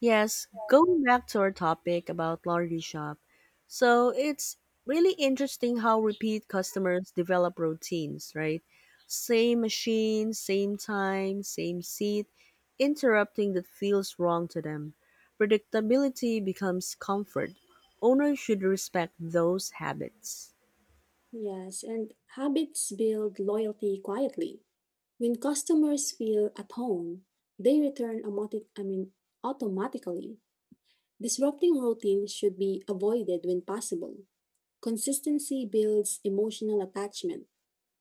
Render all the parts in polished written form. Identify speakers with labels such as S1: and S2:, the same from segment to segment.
S1: Yes, going back to our topic about laundry shop. So it's really interesting how repeat customers develop routines, right? Same machine, same time, same seat, interrupting that feels wrong to them. Predictability becomes comfort. Owners should respect those habits.
S2: Yes, and habits build loyalty quietly. When customers feel at home, they return automatic, I mean, automatically. Disrupting routine should be avoided when possible. Consistency builds emotional attachment.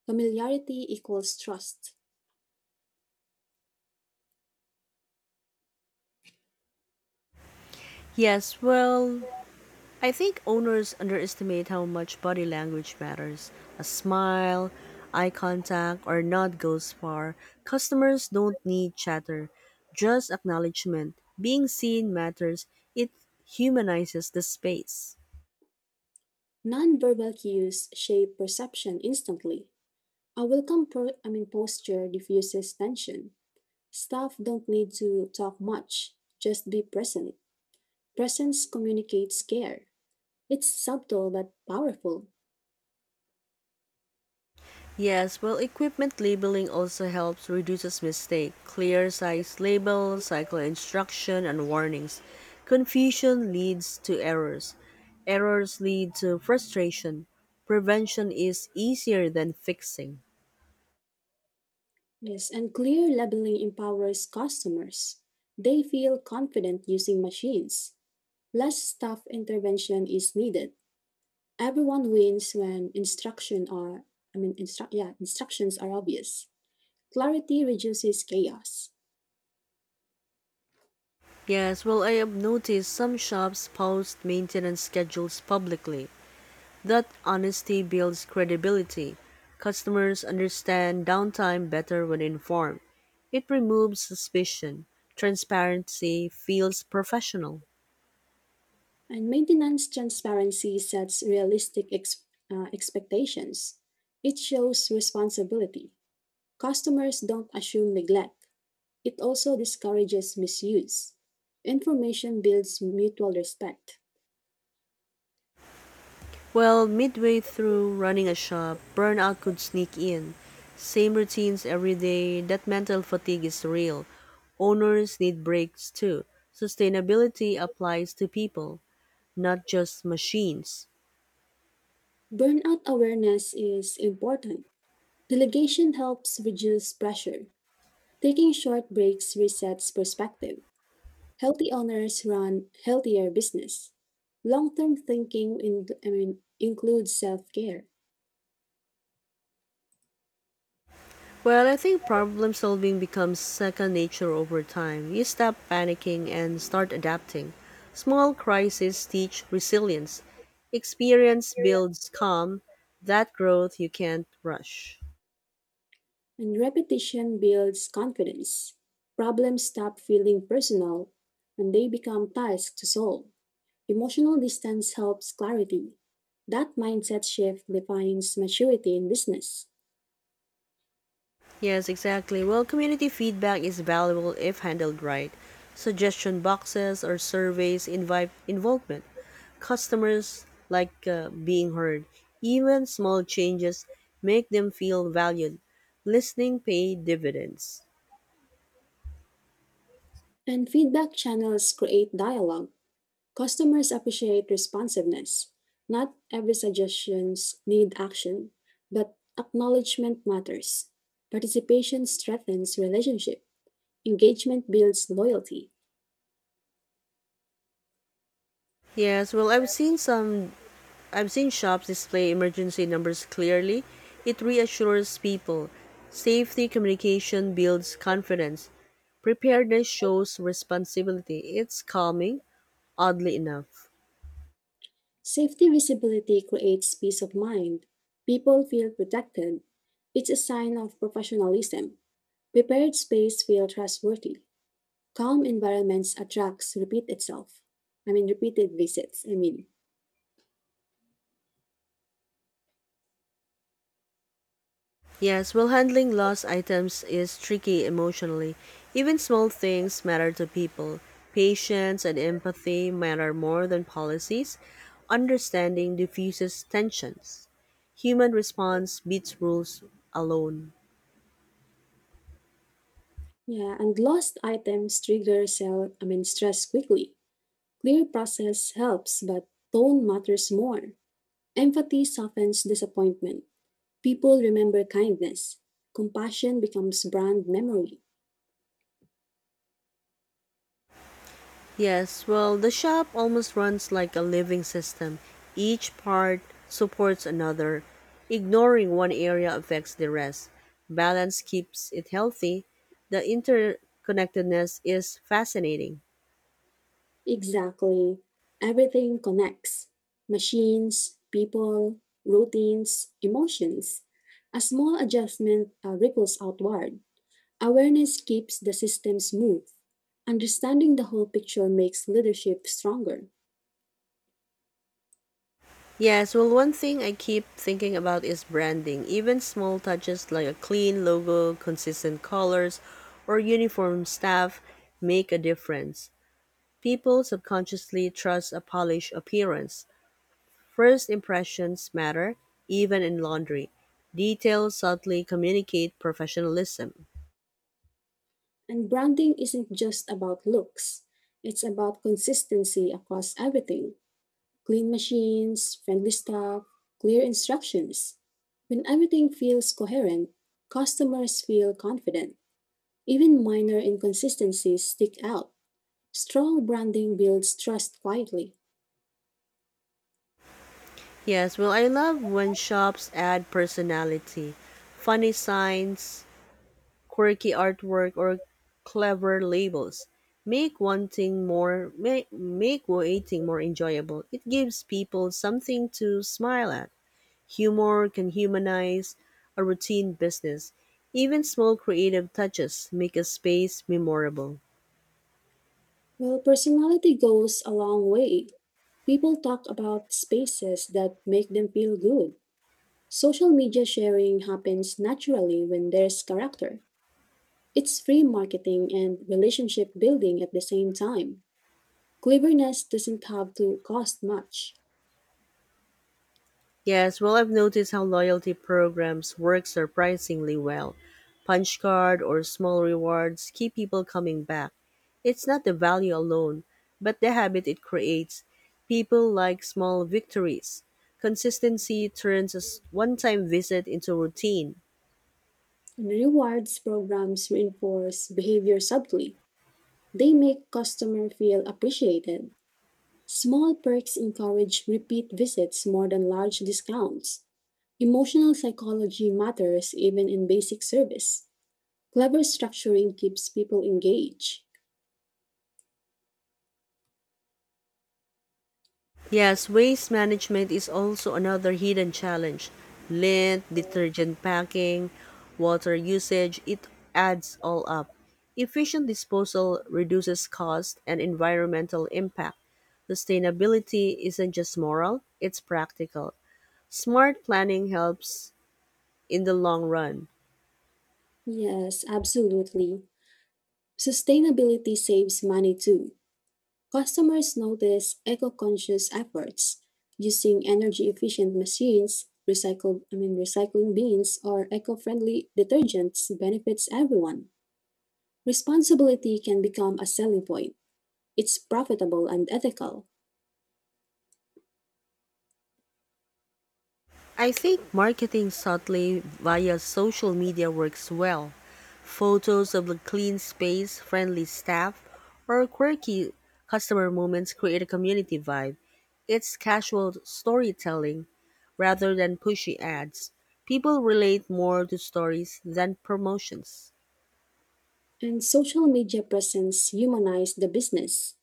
S2: Familiarity equals trust.
S1: Yes, well, I think owners underestimate how much body language matters. A smile, eye contact, or nod goes far. Customers don't need chatter, just acknowledgement. Being seen matters, it humanizes the space.
S2: Nonverbal cues shape perception instantly. A welcome pro- I mean, posture diffuses tension. Staff don't need to talk much, just be present. Presence communicates care. It's subtle but powerful.
S1: Yes, well, equipment labeling also helps reduces mistake. Clear size label, cycle instruction, and warnings. Confusion leads to errors. Errors lead to frustration. Prevention is easier than fixing.
S2: Yes, and clear labeling empowers customers. They feel confident using machines. Less staff intervention is needed. Everyone wins when instruction are I mean instru- yeah, instructions are obvious. Clarity reduces chaos.
S1: Yes, well, I have noticed some shops post maintenance schedules publicly. That honesty builds credibility. Customers understand downtime better when informed. It removes suspicion. Transparency feels professional.
S2: And maintenance transparency sets realistic expectations. It shows responsibility. Customers don't assume neglect. It also discourages misuse. Information builds mutual respect.
S1: Well, midway through running a shop, burnout could sneak in. Same routines every day, that mental fatigue is real. Owners need breaks too. Sustainability applies to people, not just machines.
S2: Burnout awareness is important. Delegation helps reduce pressure. Taking short breaks resets perspective. Healthy owners run healthier business. Long-term thinking in- I mean, includes self-care.
S1: Well, I think problem solving becomes second nature over time. You stop panicking and start adapting. Small crises teach resilience. Experience builds calm. That growth you can't rush.
S2: And repetition builds confidence. Problems stop feeling personal and they become tasks to solve. Emotional distance helps clarity. That mindset shift defines maturity in business.
S1: Yes, exactly. Well, community feedback is valuable if handled right. Suggestion boxes or surveys invite involvement. Customers like being heard. Even small changes make them feel valued. Listening pay dividends.
S2: And feedback channels create dialogue. Customers appreciate responsiveness. Not every suggestions need action, but acknowledgement matters. Participation strengthens relationship. Engagement builds loyalty.
S1: Yes, well, I've seen shops display emergency numbers clearly. It reassures people. Safety communication builds confidence. Preparedness shows responsibility. It's calming, oddly enough.
S2: Safety visibility creates peace of mind. People feel protected. It's a sign of professionalism. Prepared space feel trustworthy. Calm environments attracts repeated visits.
S1: Yes, well, handling lost items is tricky emotionally. Even small things matter to people. Patience and empathy matter more than policies. Understanding diffuses tensions. Human response beats rules alone.
S2: Yeah, and lost items trigger sell. I mean stress quickly. Clear process helps, but tone matters more. Empathy softens disappointment. People remember kindness. Compassion becomes brand memory.
S1: Yes, well, the shop almost runs like a living system. Each part supports another. Ignoring one area affects the rest. Balance keeps it healthy. The interconnectedness is fascinating.
S2: Exactly. Everything connects machines, people, routines, emotions. A small adjustment ripples outward. Awareness keeps the system smooth. Understanding the whole picture makes leadership stronger.
S1: Yes, well, one thing I keep thinking about is branding. Even small touches like a clean logo, consistent colors, or uniform staff make a difference. People subconsciously trust a polished appearance. First impressions matter, even in laundry. Details subtly communicate professionalism.
S2: And branding isn't just about looks, it's about consistency across everything. Clean machines, friendly staff, clear instructions. When everything feels coherent, customers feel confident. Even minor inconsistencies stick out. Strong branding builds trust quietly.
S1: Yes, well, I love when shops add personality, funny signs, quirky artwork, or clever labels. Make waiting more enjoyable. It gives people something to smile at. Humor can humanize a routine business. Even small creative touches make a space memorable.
S2: Well, personality goes a long way. People talk about spaces that make them feel good. Social media sharing happens naturally when there's character. It's free marketing and relationship building at the same time. Cleverness doesn't have to cost much,
S1: Yes, well, I've noticed how loyalty programs work surprisingly well. Punch card or small rewards keep people coming back. It's not the value alone, but the habit it creates. People like small victories. Consistency turns a one time visit into routine.
S2: and rewards programs reinforce behavior subtly. They make customers feel appreciated. Small perks encourage repeat visits more than large discounts. Emotional psychology matters even in basic service. Clever structuring keeps people engaged.
S1: Yes, waste management is also another hidden challenge. Lint, detergent packing, water usage, it adds all up. Efficient disposal reduces cost and environmental impact. Sustainability isn't just moral, it's practical. Smart planning helps in the long run.
S2: Yes, absolutely. Sustainability saves money too. Customers notice eco-conscious efforts using energy-efficient machines, recycling bins, or eco-friendly detergents benefits everyone. Responsibility can become a selling point. It's profitable and ethical,
S1: I think marketing subtly via social media works well. Photos of the clean space, friendly staff, or quirky customer moments create a community vibe. It's casual storytelling rather than pushy ads. People relate more to stories than promotions.
S2: and social media presence humanize the business.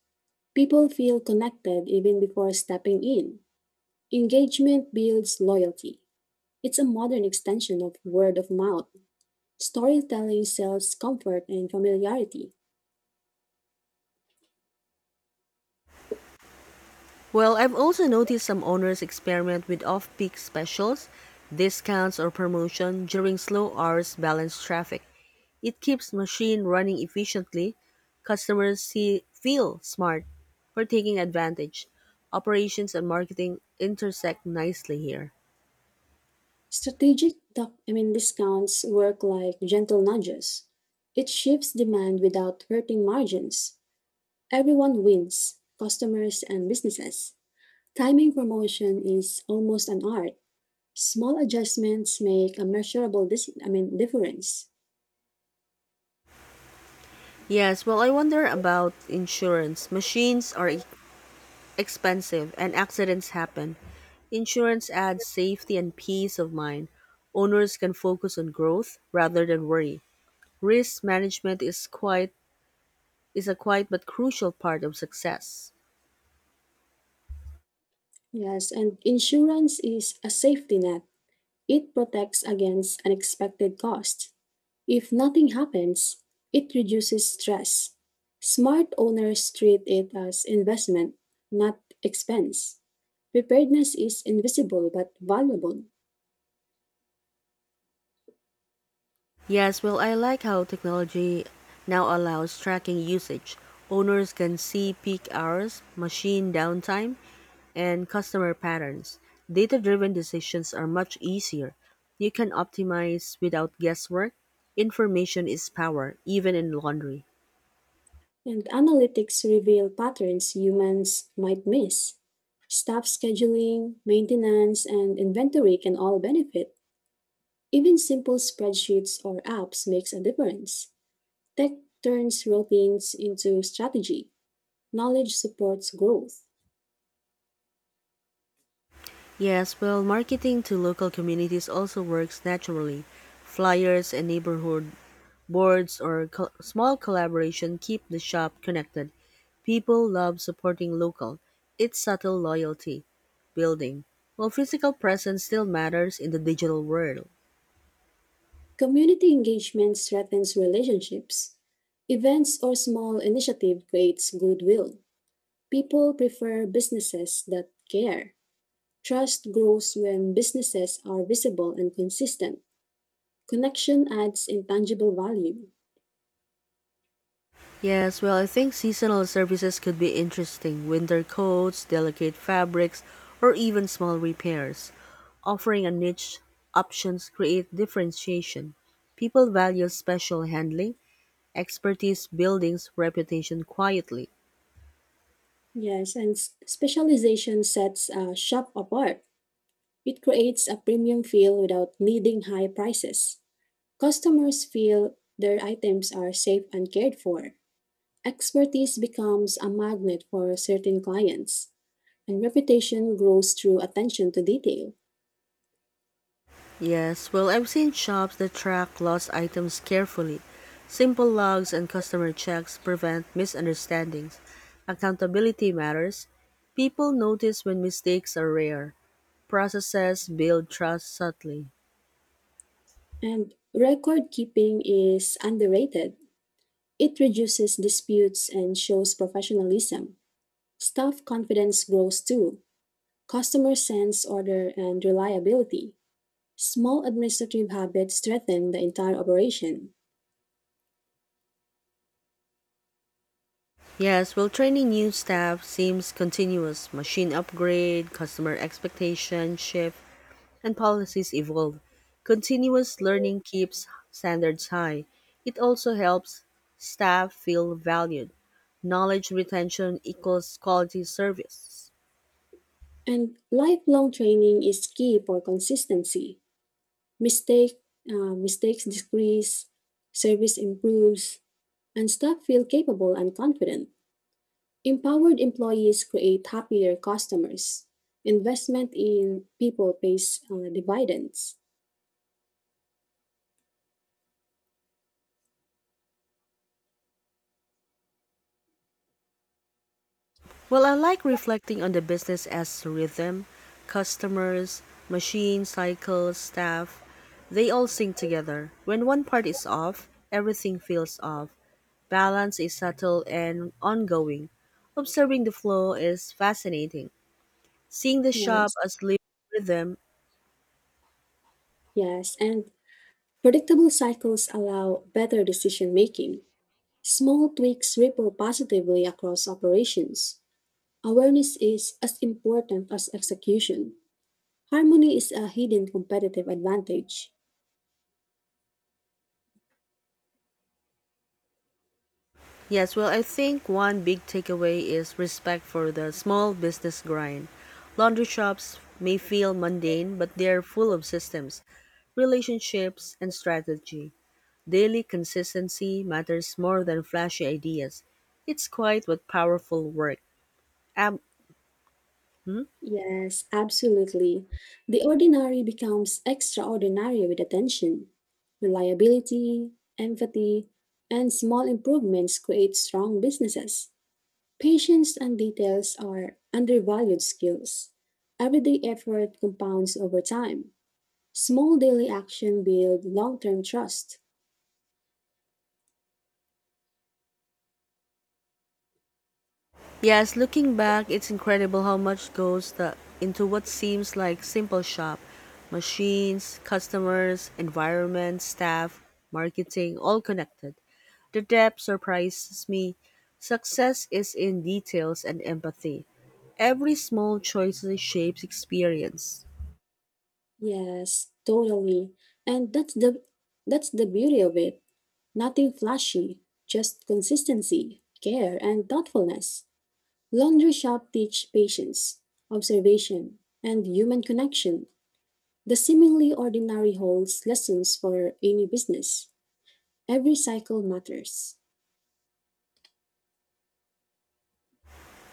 S2: People feel connected even before stepping in. Engagement builds loyalty. It's a modern extension of word of mouth. Storytelling sells comfort and familiarity.
S1: Well, I've also noticed some owners experiment with off peak specials, discounts, or promotion during slow hours balanced traffic. It keeps machine running efficiently. Customers see, feel smart for taking advantage. Operations and marketing intersect nicely here.
S2: Strategic discounts work like gentle nudges. It shifts demand without hurting margins. Everyone wins, customers and businesses. Timing promotion is almost an art. Small adjustments make a measurable difference.
S1: Yes, well, I wonder about insurance. Expensive and accidents happen. Insurance adds safety and peace of mind. Owners can focus on growth rather than worry. Risk management is a quiet but crucial part of success.
S2: Yes, and insurance is a safety net. It protects against unexpected costs. If nothing happens, it reduces stress. Smart owners treat it as investment, not expense. Preparedness is invisible but valuable,
S1: Yes, well, I like how technology now allows tracking usage. Owners can see peak hours, machine downtime, and customer patterns. Data driven decisions are much easier. You can optimize without guesswork. Information is power, even in laundry.
S2: and analytics reveal patterns humans might miss. Staff scheduling, maintenance, and inventory can all benefit. Even simple spreadsheets or apps makes a difference. Tech turns routines into strategy. Knowledge supports growth.
S1: Yes, well, marketing to local communities also works naturally. Flyers and neighborhood boards or small collaboration keep the shop connected. People love supporting local. It's subtle loyalty building. While physical presence still matters in the digital world.
S2: Community engagement strengthens relationships. Events or small initiative creates goodwill. People prefer businesses that care. Trust grows when businesses are visible and consistent. Connection adds intangible value.
S1: Yes, well, I think seasonal services could be interesting winter coats, delicate fabrics, or even small repairs. Offering a niche options create differentiation. People value special handling, expertise buildings reputation quietly.
S2: Yes, and specialization sets a shop apart. It creates a premium feel without needing high prices. Customers feel their items are safe and cared for. Expertise becomes a magnet for certain clients, and reputation grows through attention to detail.
S1: Yes, well, I've seen shops that track lost items carefully. Simple logs and customer checks prevent misunderstandings. Accountability matters. People notice when mistakes are rare. Processes build trust subtly.
S2: And record keeping is underrated. It reduces disputes and shows professionalism. Staff confidence grows too. Customers sense order and reliability. Small administrative habits strengthen the entire operation.
S1: Yes, well, training new staff seems continuous. Machine upgrade, customer expectation shift, and policies evolve. Continuous learning keeps standards high. It also helps staff feel valued. Knowledge retention equals quality service.
S2: And lifelong training is key for consistency. Mistake, Mistakes decrease, service improves, and staff feel capable and confident. Empowered employees create happier customers. Investment in people pays dividends.
S1: Well, I like reflecting on the business as rhythm, customers, machine cycles, staff. They all sing together. When one part is off, everything feels off. Balance is subtle and ongoing. Observing the flow is fascinating. Seeing the shop
S2: Yes,
S1: as living rhythm.
S2: yes, and predictable cycles allow better decision making. Small tweaks ripple positively across operations. Awareness is as important as execution. Harmony is a hidden competitive advantage.
S1: Yes, well, I think one big takeaway is respect for the small business grind. Laundry shops may feel mundane, but they're full of systems, relationships, and strategy. Daily consistency matters more than flashy ideas. It's quite what powerful work. Um,
S2: Yes, absolutely. The ordinary becomes extraordinary with attention. Reliability, empathy, and small improvements create strong businesses. Patience and details are undervalued skills. Everyday effort compounds over time. Small daily action build long-term trust.
S1: yes, looking back, it's incredible how much goes into what seems like simple shop. Machines, customers, environment, staff, marketing, all connected. The depth surprises me. Success is in details and empathy. Every small choice shapes experience.
S2: Yes, totally. And that's the beauty of it. Nothing flashy, just consistency, care, and thoughtfulness. Laundry Shop teach patience, observation, and human connection. The seemingly ordinary holds lessons for any business. Every cycle matters.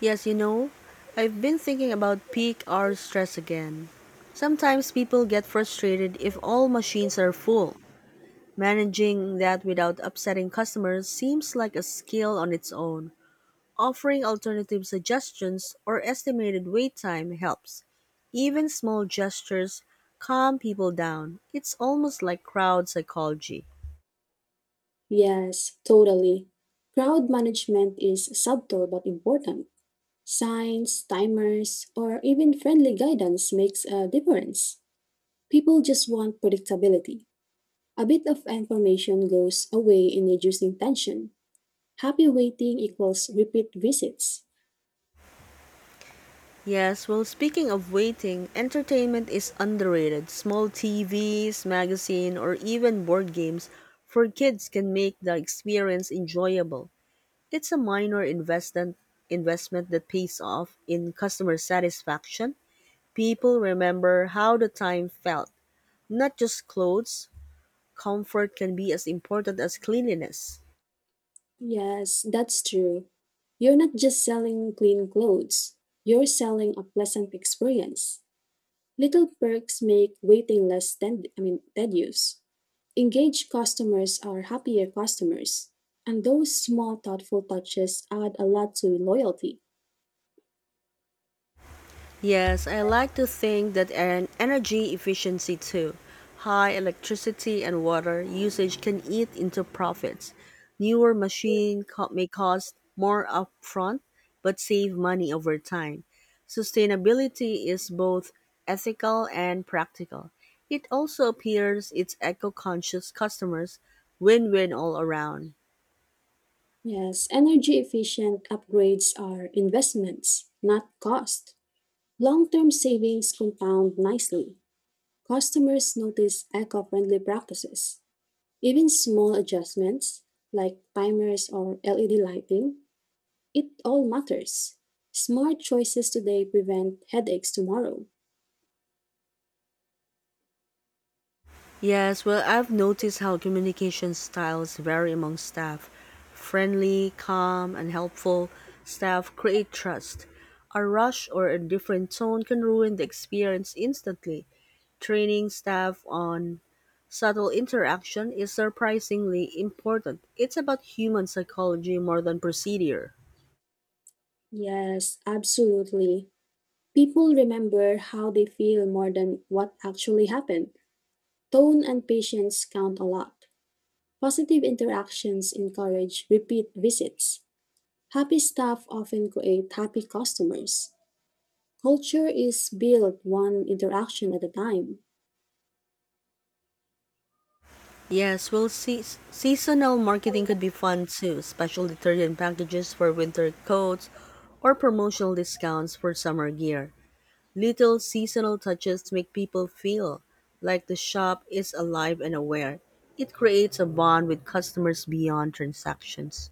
S1: Yes, you know, I've been thinking about peak hour stress again. Sometimes people get frustrated if all machines are full. Managing that without upsetting customers seems like a skill on its own. Offering alternative suggestions or estimated wait time helps. Even small gestures calm people down. It's almost like crowd psychology.
S2: Yes, totally. Crowd management is subtle but important. Signs, timers, or even friendly guidance makes a difference. People just want predictability. A bit of information goes a way in reducing tension. Happy waiting equals repeat visits.
S1: Yes, well, speaking of waiting, entertainment is underrated. Small TVs, magazine, or even board games for kids can make the experience enjoyable. It's a minor investment that pays off in customer satisfaction. People remember how the time felt, not just clothes. Comfort can be as important as cleanliness.
S2: Yes, that's true. You're not just selling clean clothes, you're selling a pleasant experience. Little perks make waiting less ten- I mean, tedious. Engaged customers are happier customers, and those small thoughtful touches add a lot to loyalty.
S1: Yes, I like to think that an energy efficiency too. High electricity and water usage can eat into profits. Newer machines may cost more upfront but save money over time. Sustainability is both ethical and practical. It also appears its eco-conscious customers win-win all around.
S2: Yes, energy efficient upgrades are investments, not cost. Long term savings compound nicely. Customers notice eco friendly practices. Even small adjustments like timers or LED lighting, it all matters. Smart choices today prevent headaches tomorrow.
S1: Yes, well, I've noticed how communication styles vary among staff. Friendly, calm, and helpful staff create trust. A rush or a different tone can ruin the experience instantly. Training staff on subtle interaction is surprisingly important. It's about human psychology more than procedure.
S2: Yes, absolutely. People remember how they feel more than what actually happened. Tone and patience count a lot. Positive interactions encourage repeat visits. Happy staff often create happy customers. Culture is built one interaction at a time.
S1: Yes, well, seasonal marketing could be fun too, special detergent packages for winter coats or promotional discounts for summer gear. Little seasonal touches make people feel like the shop is alive and aware. It creates a bond with customers beyond transactions.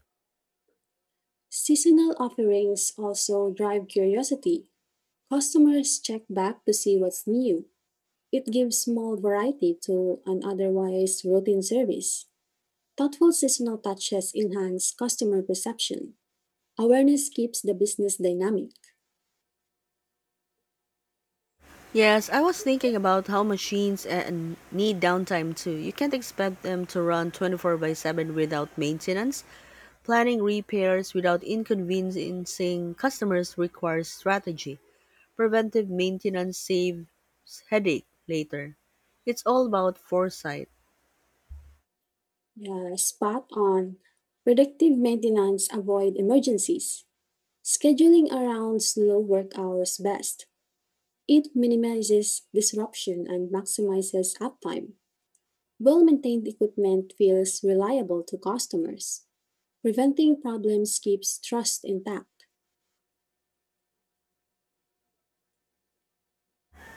S2: Seasonal offerings also drive curiosity. Customers check back to see what's new. It gives small variety to an otherwise routine service. Thoughtful seasonal touches enhance customer perception. Awareness keeps the business dynamic.
S1: Yes, I was thinking about how machines and need downtime too. You can't expect them to run 24 by 7 without maintenance. Planning repairs without inconveniencing customers requires strategy. Preventive maintenance saves headache later. It's all about foresight.
S2: Yeah, spot on. Predictive maintenance avoid emergencies. Scheduling around slow work hours best. It minimizes disruption and maximizes uptime. Well-maintained equipment feels reliable to customers. Preventing problems keeps trust intact.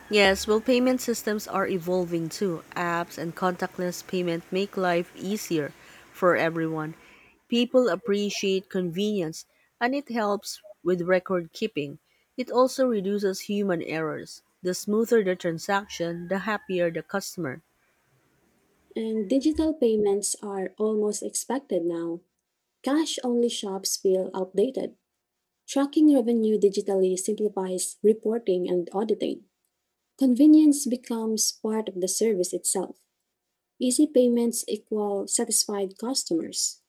S1: Yes, well, payment systems are evolving too. Apps and contactless payment make life easier for everyone. People appreciate convenience and it helps with record keeping. It also reduces human errors. The smoother the transaction, the happier the customer.
S2: And digital payments are almost expected now. Cash-only shops feel outdated. Tracking revenue digitally simplifies reporting and auditing. Convenience becomes part of the service itself. Easy payments equal satisfied customers.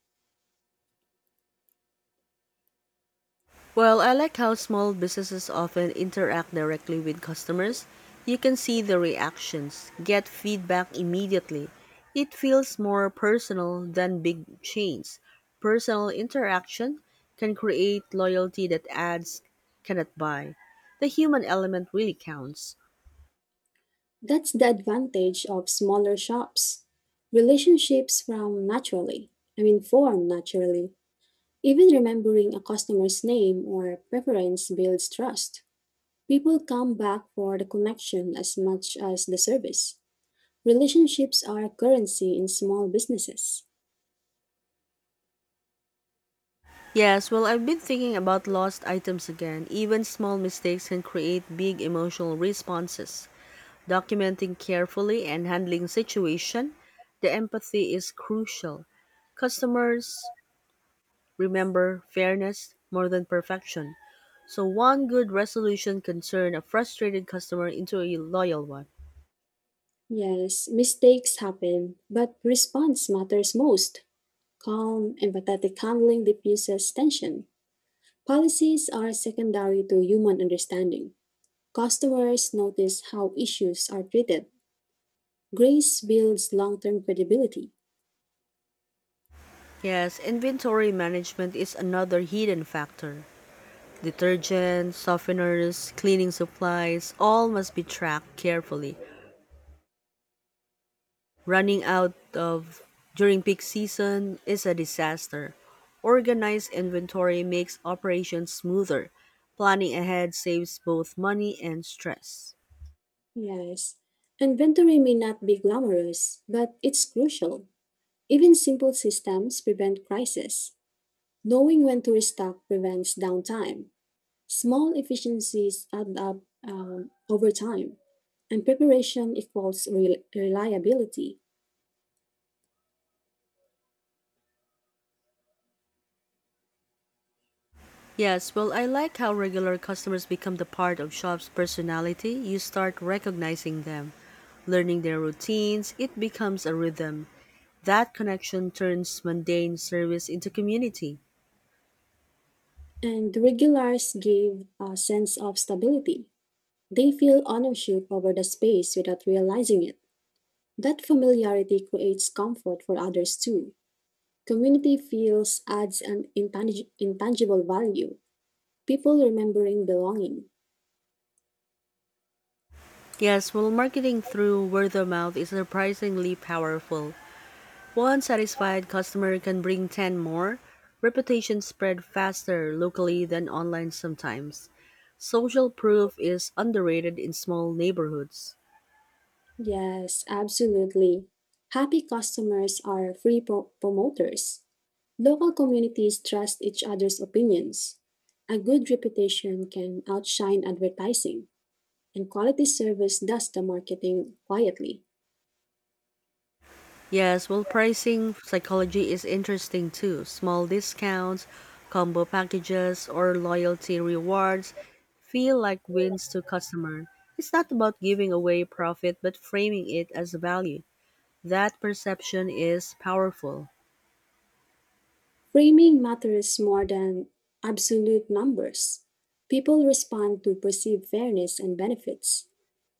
S1: Well, I like how small businesses often interact directly with customers. You can see the reactions, get feedback immediately. It feels more personal than big chains. Personal interaction can create loyalty that ads cannot buy. The human element really counts.
S2: That's the advantage of smaller shops. Relationships form naturally. I mean, form naturally. Even remembering a customer's name or preference builds trust. People come back for the connection as much as the service. Relationships are currency in small businesses.
S1: Yes, well, I've been thinking about lost items again. Even small mistakes can create big emotional responses. Documenting carefully and handling situation, the empathy is crucial. Customers remember fairness more than perfection. So one good resolution can turn a frustrated customer into a loyal one.
S2: Yes, mistakes happen, but response matters most. Calm, empathetic handling diffuses tension. Policies are secondary to human understanding. Customers notice how issues are treated. Grace builds long term credibility.
S1: Yes, inventory management is another hidden factor. Detergents, softeners, cleaning supplies, all must be tracked carefully. Running out of during peak season is a disaster. Organized inventory makes operations smoother. Planning ahead saves both money and stress.
S2: Yes. Inventory may not be glamorous, but it's crucial. Even simple systems prevent crises. Knowing when to restock prevents downtime. Small efficiencies add up over time, and preparation equals reliability.
S1: Yes, well, I like how regular customers become the part of shop's personality. You start recognizing them, learning their routines. It becomes a rhythm. That connection turns mundane service into community.
S2: And the regulars give a sense of stability. They feel ownership over the space without realizing it. That familiarity creates comfort for others too. Community feels adds an intangible value. People remembering belonging.
S1: Yes, well, marketing through word of mouth is surprisingly powerful. One satisfied customer can bring 10 more. Reputation spread faster locally than online sometimes. Social proof is underrated in small neighborhoods.
S2: Yes, absolutely. Happy customers are free promoters. Local communities trust each other's opinions. A good reputation can outshine advertising, and quality service does the marketing quietly.
S1: Yes, well, pricing psychology is interesting too. Small discounts, combo packages, or loyalty rewards feel like wins to customer. It's not about giving away profit, but framing it as value. That perception is powerful.
S2: Framing matters more than absolute numbers. People respond to perceived fairness and benefits.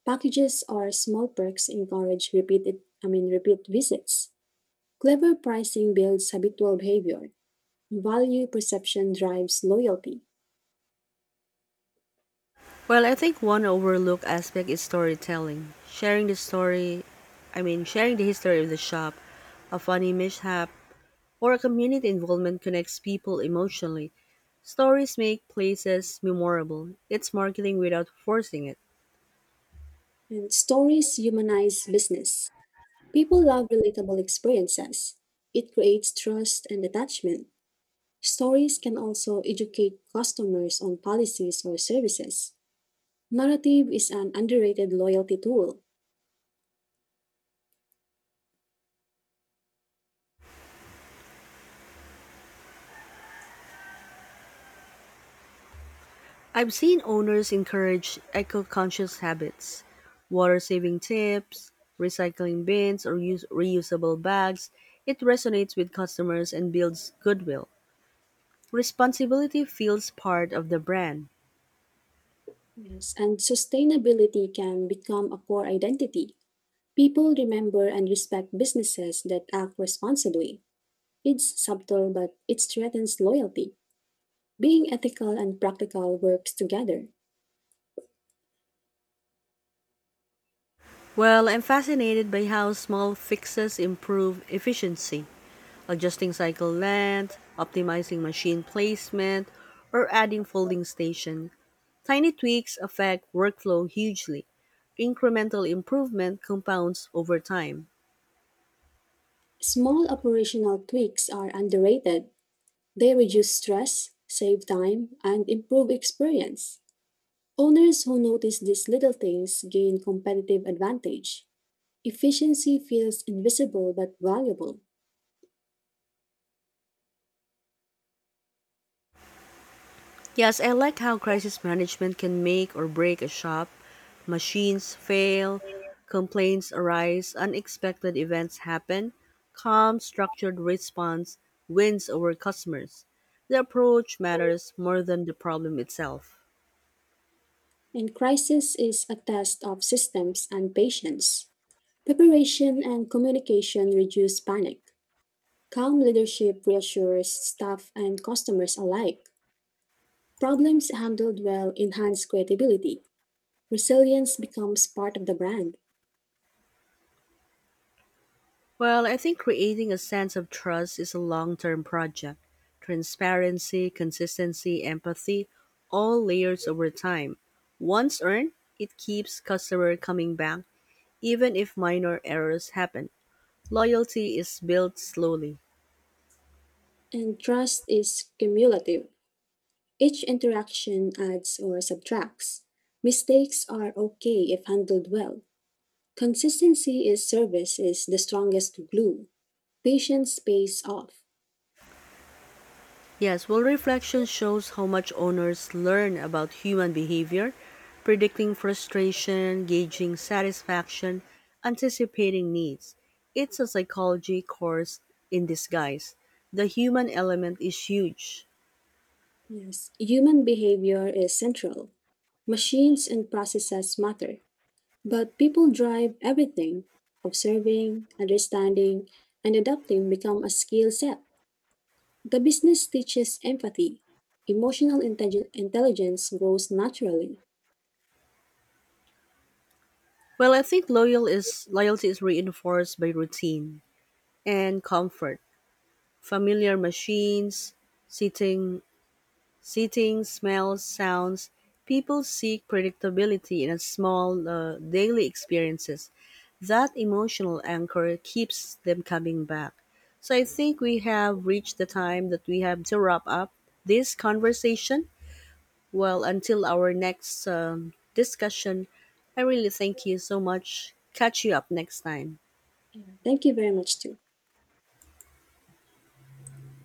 S2: Packages or small perks encourage repeat visits. Clever pricing builds habitual behavior. Value perception drives loyalty.
S1: Well, I think one overlooked aspect is storytelling. Sharing the story, I mean, Sharing the history of the shop, a funny mishap, or a community involvement connects people emotionally. Stories make places memorable. It's marketing without forcing it.
S2: And stories humanize business. People love relatable experiences. It creates trust and attachment. Stories can also educate customers on policies or services. Narrative is an underrated loyalty tool.
S1: I've seen owners encourage eco conscious habits, water saving tips, recycling bins, or use reusable bags. It resonates with customers and builds goodwill. Responsibility feels part of the brand.
S2: Yes, and sustainability can become a core identity. People remember and respect businesses that act responsibly. It's subtle, but it strengthens loyalty. Being ethical and practical works together.
S1: Well, I'm fascinated by how small fixes improve efficiency, adjusting cycle length, optimizing machine placement, or adding folding station. Tiny tweaks affect workflow hugely. Incremental improvement compounds over time.
S2: Small operational tweaks are underrated. They reduce stress, save time, and improve experience. Owners who notice these little things gain competitive advantage. Efficiency feels invisible but valuable,
S1: Yes, I like how crisis management can make or break a shop. Machines fail, complaints arise, unexpected events happen. Calm, structured response wins over customers. The approach matters more than the problem itself.
S2: and crisis is a test of systems and patience. Preparation and communication reduce panic. Calm leadership reassures staff and customers alike. Problems handled well enhance credibility. Resilience becomes part of the brand,
S1: Well, I think creating a sense of trust is a long term project. Transparency, consistency, empathy, all layers over time. Once earned, it keeps customer coming back, even if minor errors happen. Loyalty is built slowly.
S2: and trust is cumulative. Each interaction adds or subtracts. Mistakes are okay if handled well. Consistency is service is the strongest glue. Patience pays off.
S1: Yes, well, reflection shows how much owners learn about human behavior, predicting frustration, gauging satisfaction, anticipating needs. It's a psychology course in disguise. The human element is huge.
S2: Yes, human behavior is central. Machines and processes matter, but people drive everything. Observing, understanding, and adapting become a skill set. The business teaches empathy. Emotional intelligence grows naturally.
S1: Well, I think loyalty is reinforced by routine and comfort. Familiar machines, sitting, seating, smells, sounds. People seek predictability in a small daily experiences. That emotional anchor keeps them coming back. So I think we have reached the time that we have to wrap up this conversation. Well, until our next discussion, I really thank you so much. Catch you up next time.
S2: Yeah. Thank you very much, too.